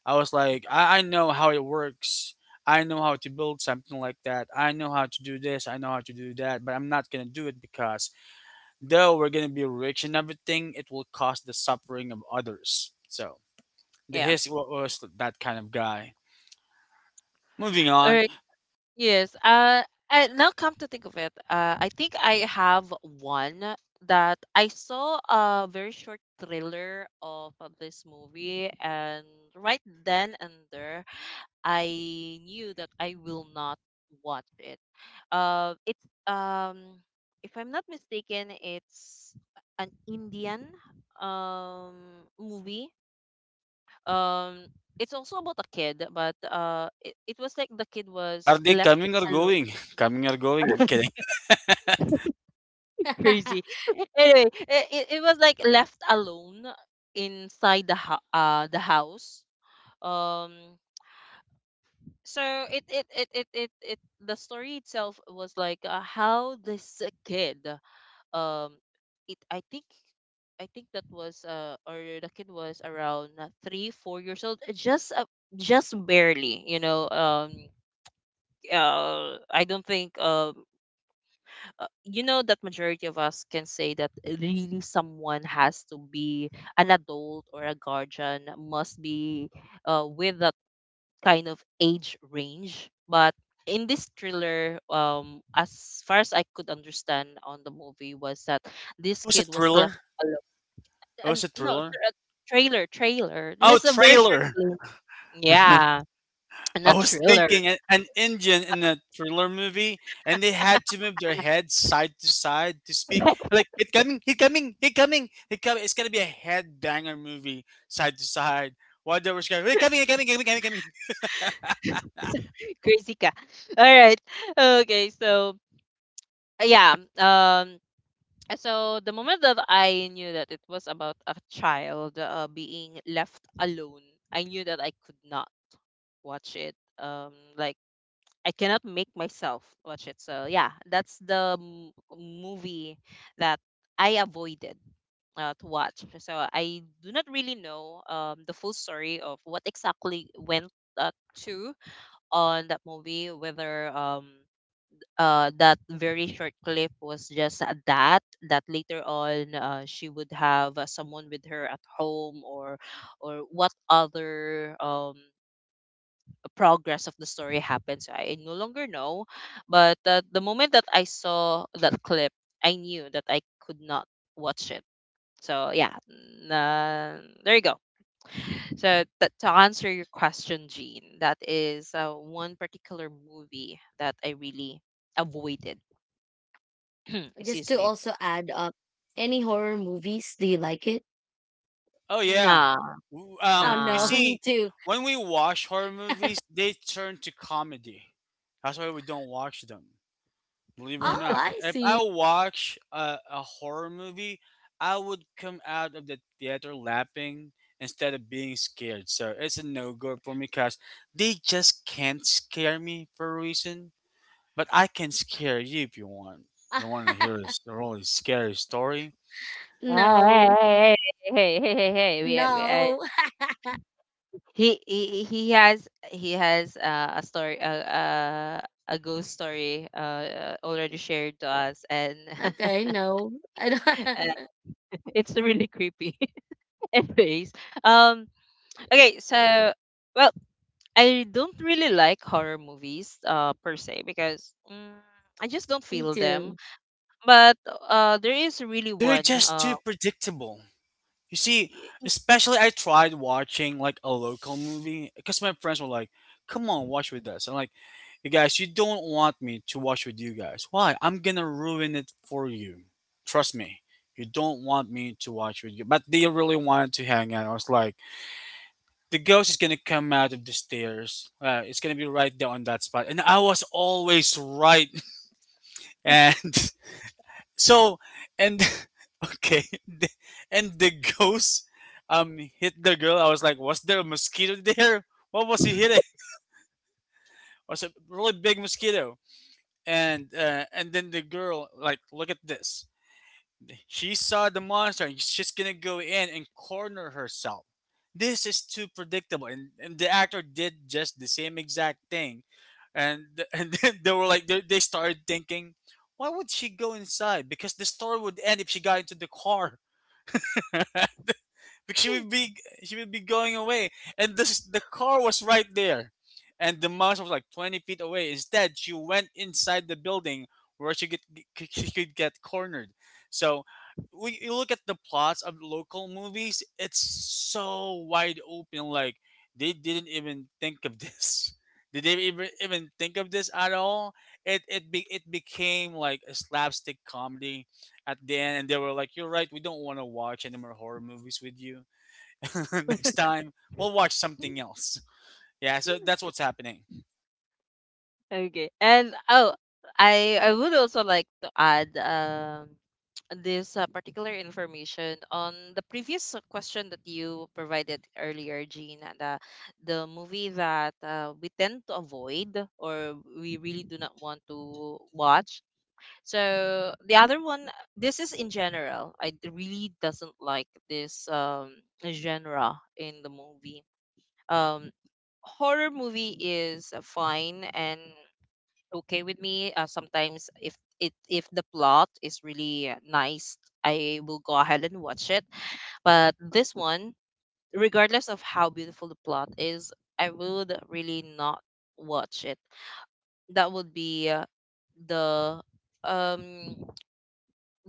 I was like, I know how it works. I know how to build something like that. I know how to do this. I know how to do that. But I'm not going to do it because though we're going to be rich and everything, it will cause the suffering of others. So the Yeah. Was that kind of guy. Moving All on. right. Yes. And now come to think of it, I think I have one that I saw a very short trailer of this movie, and right then and there, I knew that I will not watch it. It's if I'm not mistaken, it's an Indian um movie. Um, it's also about a kid, but it was like the kid Are was they left coming or alone. going? *laughs* Coming or going? I'm kidding. *laughs* Crazy. *laughs* *laughs* Anyway, it was like left alone inside the house. Um so it the story itself was like how this kid, um it, I think, I think that was or the kid was around 3 4 years old, just barely, you know, I don't think, you know, that majority of us can say that really someone has to be an adult or a guardian, must be with that kind of age range. But in this thriller, as far as I could understand on the movie, was that It this was a kid was left thriller. alone, It and was a no sir, thriller. a trailer, Oh, just a very short trailer. clip. *laughs* Yeah, I not was thriller. thinking an Indian in a thriller movie, and they had to move their head side to side to speak. *laughs* Like it coming, he coming, he coming, he coming. It's gonna be a head banger movie, side to side. While they were screaming, "He coming, he coming, he coming, coming, coming." *laughs* Crazy ka. All right. Okay, so uh, yeah um so the moment that I knew that it was about a child being left alone, I knew that I could not watch it. Like, I cannot make myself watch it. So yeah, that's the movie that I avoided to watch. So I do not really know the full story of what exactly went to on that movie, whether that very short clip was just a that that later on she would have someone with her at home, or what other progress of the story happens, I no longer know. But the moment that I saw that clip, I knew that I could not watch it. So yeah, n- uh, there you go. So to answer your question, Jean, that is one particular movie that I really avoided. *clears throat* Just Excuse to me. also add up, any horror movies? Do you like it? Oh yeah, Nah, Oh you no, *laughs* nah. me see, too. when we watch horror movies, they turn to comedy. That's why we don't watch them. Believe it or Oh, not, I if I see. watch a horror movie, I would come out of the theater laughing instead of being scared. So it's a no go for me because they just can't scare me for a reason. But I can scare you if you want. You *laughs* want to hear a really scary story? No. Hey, hey, hey, hey, hey, hey, hey, No. *laughs* He has a story, a ghost story, already shared to us, and Okay, *laughs* no. I and don't. it's really creepy. *laughs* Anyways, um, okay, so, well, I don't really like horror movies, per se, because, mm, I just don't *laughs* Me feel them. too. But there is really They're one. just too predictable. You see, especially I tried watching like a local movie because my friends were like, "Come on, watch with us." I'm like, "You guys, you don't want me to watch with you guys. Why? I'm gonna ruin it for you. Trust me. You don't want me to watch with you." But they really wanted to hang out. I was like, "The ghost is gonna come out of the stairs. It's gonna be right there on that spot." And I was always right. *laughs* And so and *laughs* okay, the- and the ghost hit the girl. I was like, was there a mosquito *laughs* there? What was he hitting? Was a really big mosquito. And then the girl like, look at this. She saw the monster. And She's gonna go in and corner herself. This is too predictable. And the actor did just the same exact thing. *laughs* And then they were like, they started thinking. Why would she go inside? Because the story would end if she got into the car. *laughs* because she would be, she would be going away, and the car was right there, and the mouse was like 20 feet away. Instead she went inside the building, where she could get cornered. So when you look at the plots of local movies, it's so wide open. Like, they didn't even think of this. *laughs* did they even think of this at all? It became like a slapstick comedy at the end, and they were like, "You're right, we don't want to watch any more horror movies with you." *laughs* next time we'll watch something else. Yeah, so that's what's happening. Okay. I would also like to add *tsk* this particular information on the previous question that you provided earlier, Jean, and the movie that we tend to avoid or we really do not want to watch. So the other one, this is in general. I really doesn't like this genre in the movie. Um, horror movie is fine and okay with me. Sometimes if it if the plot is really nice, I will go ahead and watch it. But this one, regardless of how beautiful the plot is, I would really not watch it. That would be the um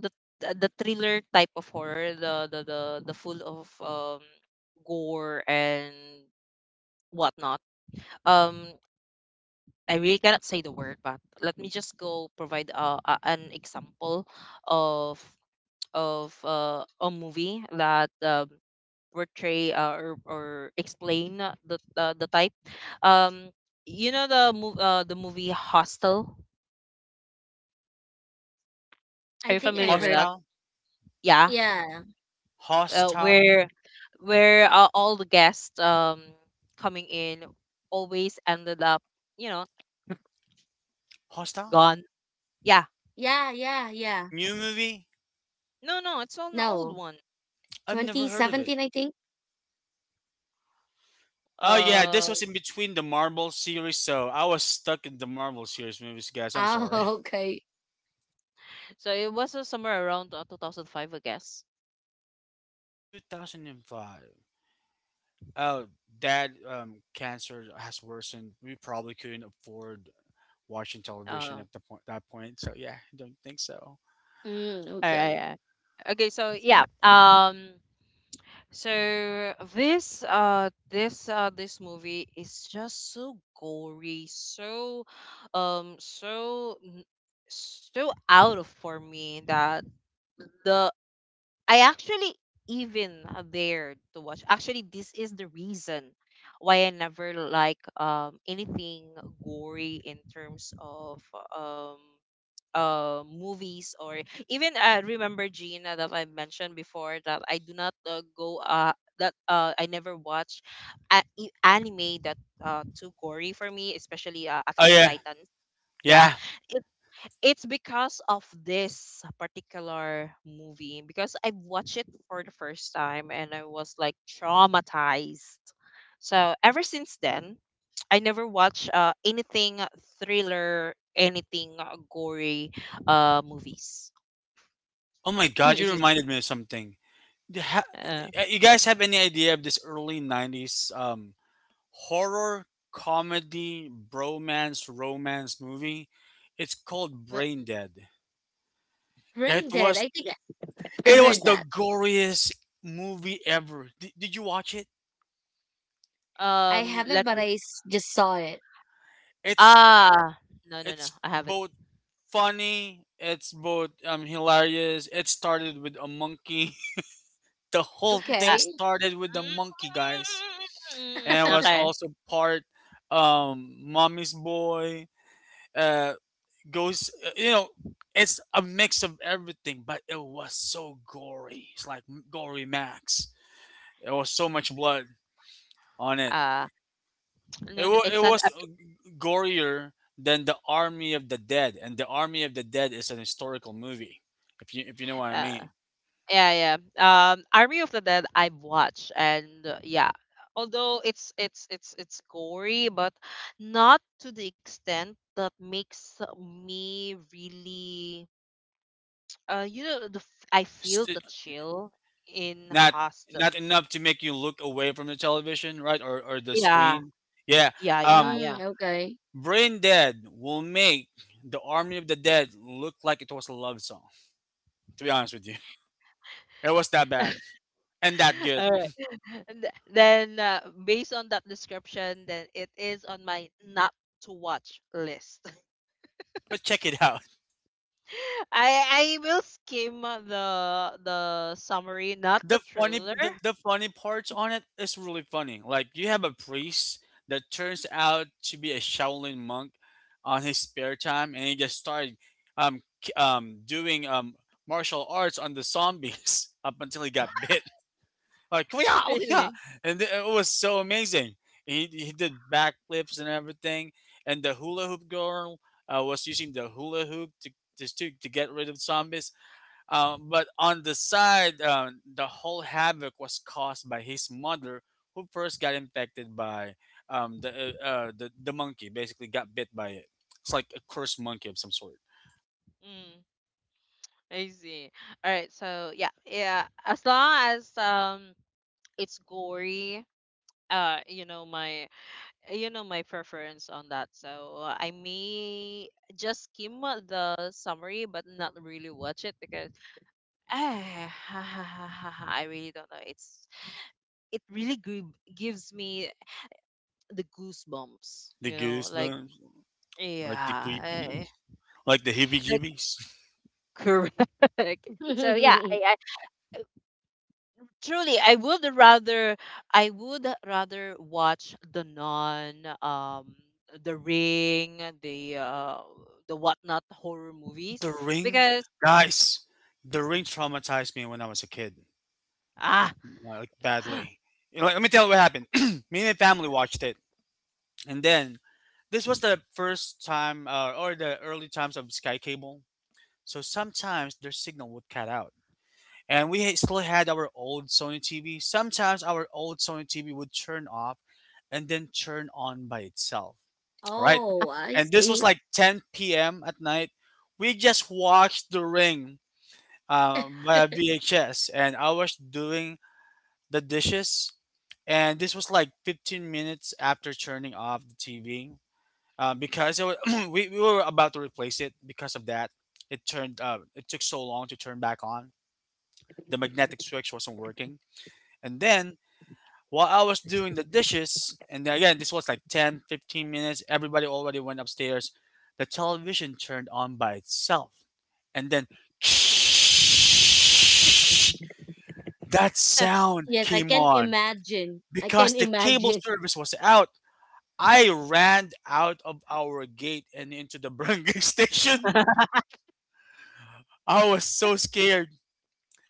the the thriller type of horror, the the full of gore and whatnot. Um, I really cannot say the word, but let me just go provide an example of of a movie that portray or explain the type. Um, you know the movie Hostel. Are you I think I familiar with heard. that? Hostile. Yeah, Yeah. Hostile. where all the guests coming in always ended up, you know, Hostile. gone. Yeah. Yeah, yeah, yeah. New movie. No, no, it's on the old No. one. I've never heard of it. 2017, I think. Oh yeah, Uh this was in between the Marvel series, so I was stuck in the Marvel series movies. Guys, I'm sorry. Oh, *laughs* okay. So it was somewhere around 2005, I guess. *laughs* 2005. Oh, dad, um, cancer has worsened. We probably couldn't afford watching television All at the point that point, so yeah, I don't think so. Mm, okay. right. Uh, okay, so yeah. *laughs* So this movie is just so gory, so um so n- so out of for me that the I actually even dared to watch. Actually, this is the reason why I never like anything gory in terms of um. Movies or, even I remember, Gina, that I mentioned before that I do not go that I never watch anime that too gory for me, especially Oh Attack of yeah. Titan. Yeah, Yeah. it, it's because of this particular movie, because I watched it for the first time and I was like traumatized. So ever since then, I never watch anything thriller, anything gory movies. Oh my God, *clears throat* Is you it? reminded me of something. You ha- Uh, you guys have any idea of this early '90s horror comedy bromance romance movie? It's called But Brain Dead. It Brain Dead, was I think I it was heard the that. goriest movie ever. Did you watch it? I haven't, let but me. I just saw it. It's Ah, no, no, no, it's I haven't. both funny. It's both hilarious. It started with a monkey. *laughs* The whole thing Uh, Okay. started with the monkey, guys. And I *laughs* was *laughs* okay. also part, mommy's boy, uh goes, you know, it's a mix of everything, but it was so gory. It's like gory max. It was so much blood on it. Uh, It, no, no, wa It it's an. was gorier than the Army of the Dead, and the Army of the Dead is an historical movie, if you know what I Uh, mean. yeah, yeah. Army of the Dead, I've watched, and yeah. Although it's gory, but not to the extent that makes me really, you know, the, I feel the St- chill in Not hostel. not enough to make you look away from the television, right? Or the Yeah, screen. Yeah. yeah, yeah, Um, yeah. Mm, okay. Brain Dead will make the Army of the Dead look like it was a love song. To be honest with you, it was that bad *laughs* and that good. All right. Then, based on that description, then it is on my not to watch list. *laughs* But check it out. I will skim the summary, not the thriller. The funny parts on it is really funny. Like, you have a priest that turns out to be a Shaolin monk on his spare time, and he just started doing martial arts on the zombies *laughs* up until he got bit. Like, *laughs* we are, Really? It was so amazing. He did backflips and everything, and the hula hoop girl, was using the hula hoop to to get rid of zombies. But on the side, the whole havoc was caused by his mother, who first got infected by, the, the monkey. Basically got bit by it. It's like a cursed monkey of some sort. Mm, I see. All right. So yeah, yeah. As long as it's gory. Uh, you know my you know my preference on that. So I may just skim the summary, but not really watch it because *sighs* ah, *laughs* I really don't know. It's, it really gives me the goosebumps. The You know, like, goosebumps, like the yeah, creepy, eh, like the like heebie-jeebies. *laughs* correct. So yeah, *laughs* I, truly I would rather watch the non um the Ring, the whatnot horror Oh, movies The Ring? because, Guys, The Ring traumatized me when I was a kid, ah, like badly. You know, like, let me tell you what happened. *clears throat* me and my family watched it, and then this was the first time, or the early times of Sky Cable. So sometimes their signal would cut out, and we still had our old Sony TV. Sometimes our old Sony TV would turn off, and then turn on by itself. All right, Oh, I and this was see. like 10 p.m. at night. We just watched The Ring via VHS, and I was doing the dishes, and this was like 15 minutes after turning off the TV, because it was, *clears throat* we were about to replace it. Because of that, it turned it took so long to turn back on. The magnetic switch wasn't working, and then while I was doing the dishes, and again this was like 10, 15 minutes. Everybody already went upstairs. The television turned on by itself, and then *laughs* *tsk* that *laughs* sound Yes, I came can on imagine. I because can the cable imagine. service was out. I ran out of our gate and into the barangay *laughs* station. uh, I was so scared,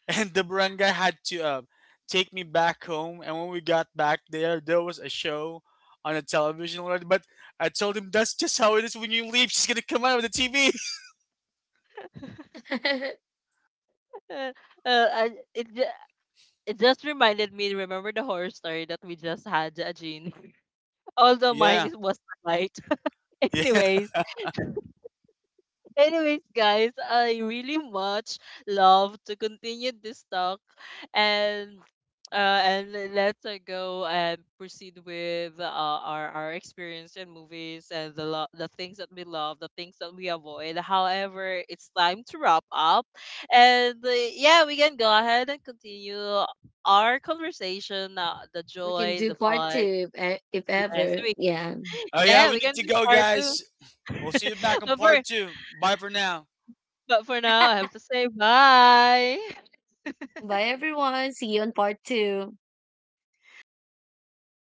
and the barangay had to, take me back home. And when we got back there, there was a show on the television already. But I told him that's just how it is when you leave. She's gonna come out of the TV. *laughs* *laughs* I, it ju- it just reminded me, remember the horror story that we just had, Jean. *laughs* Although mine Yeah, is, was the light. *laughs* yeah. Anyways, anyways, guys, I really much love to continue this talk and uh, and let's go and proceed with our experience in movies and the things that we love, the things that we avoid. However, it's time to wrap up, and yeah, we can go ahead and continue our conversation, the We can joy, do the part fun. two if Yes, ever. we can. Yeah. Oh yeah, Yeah, we we need can to do go, part 2. guys. We'll see you back *laughs* on But for part 2. Bye for now. But for now, I have to say bye. Bye, everyone. See you on part two.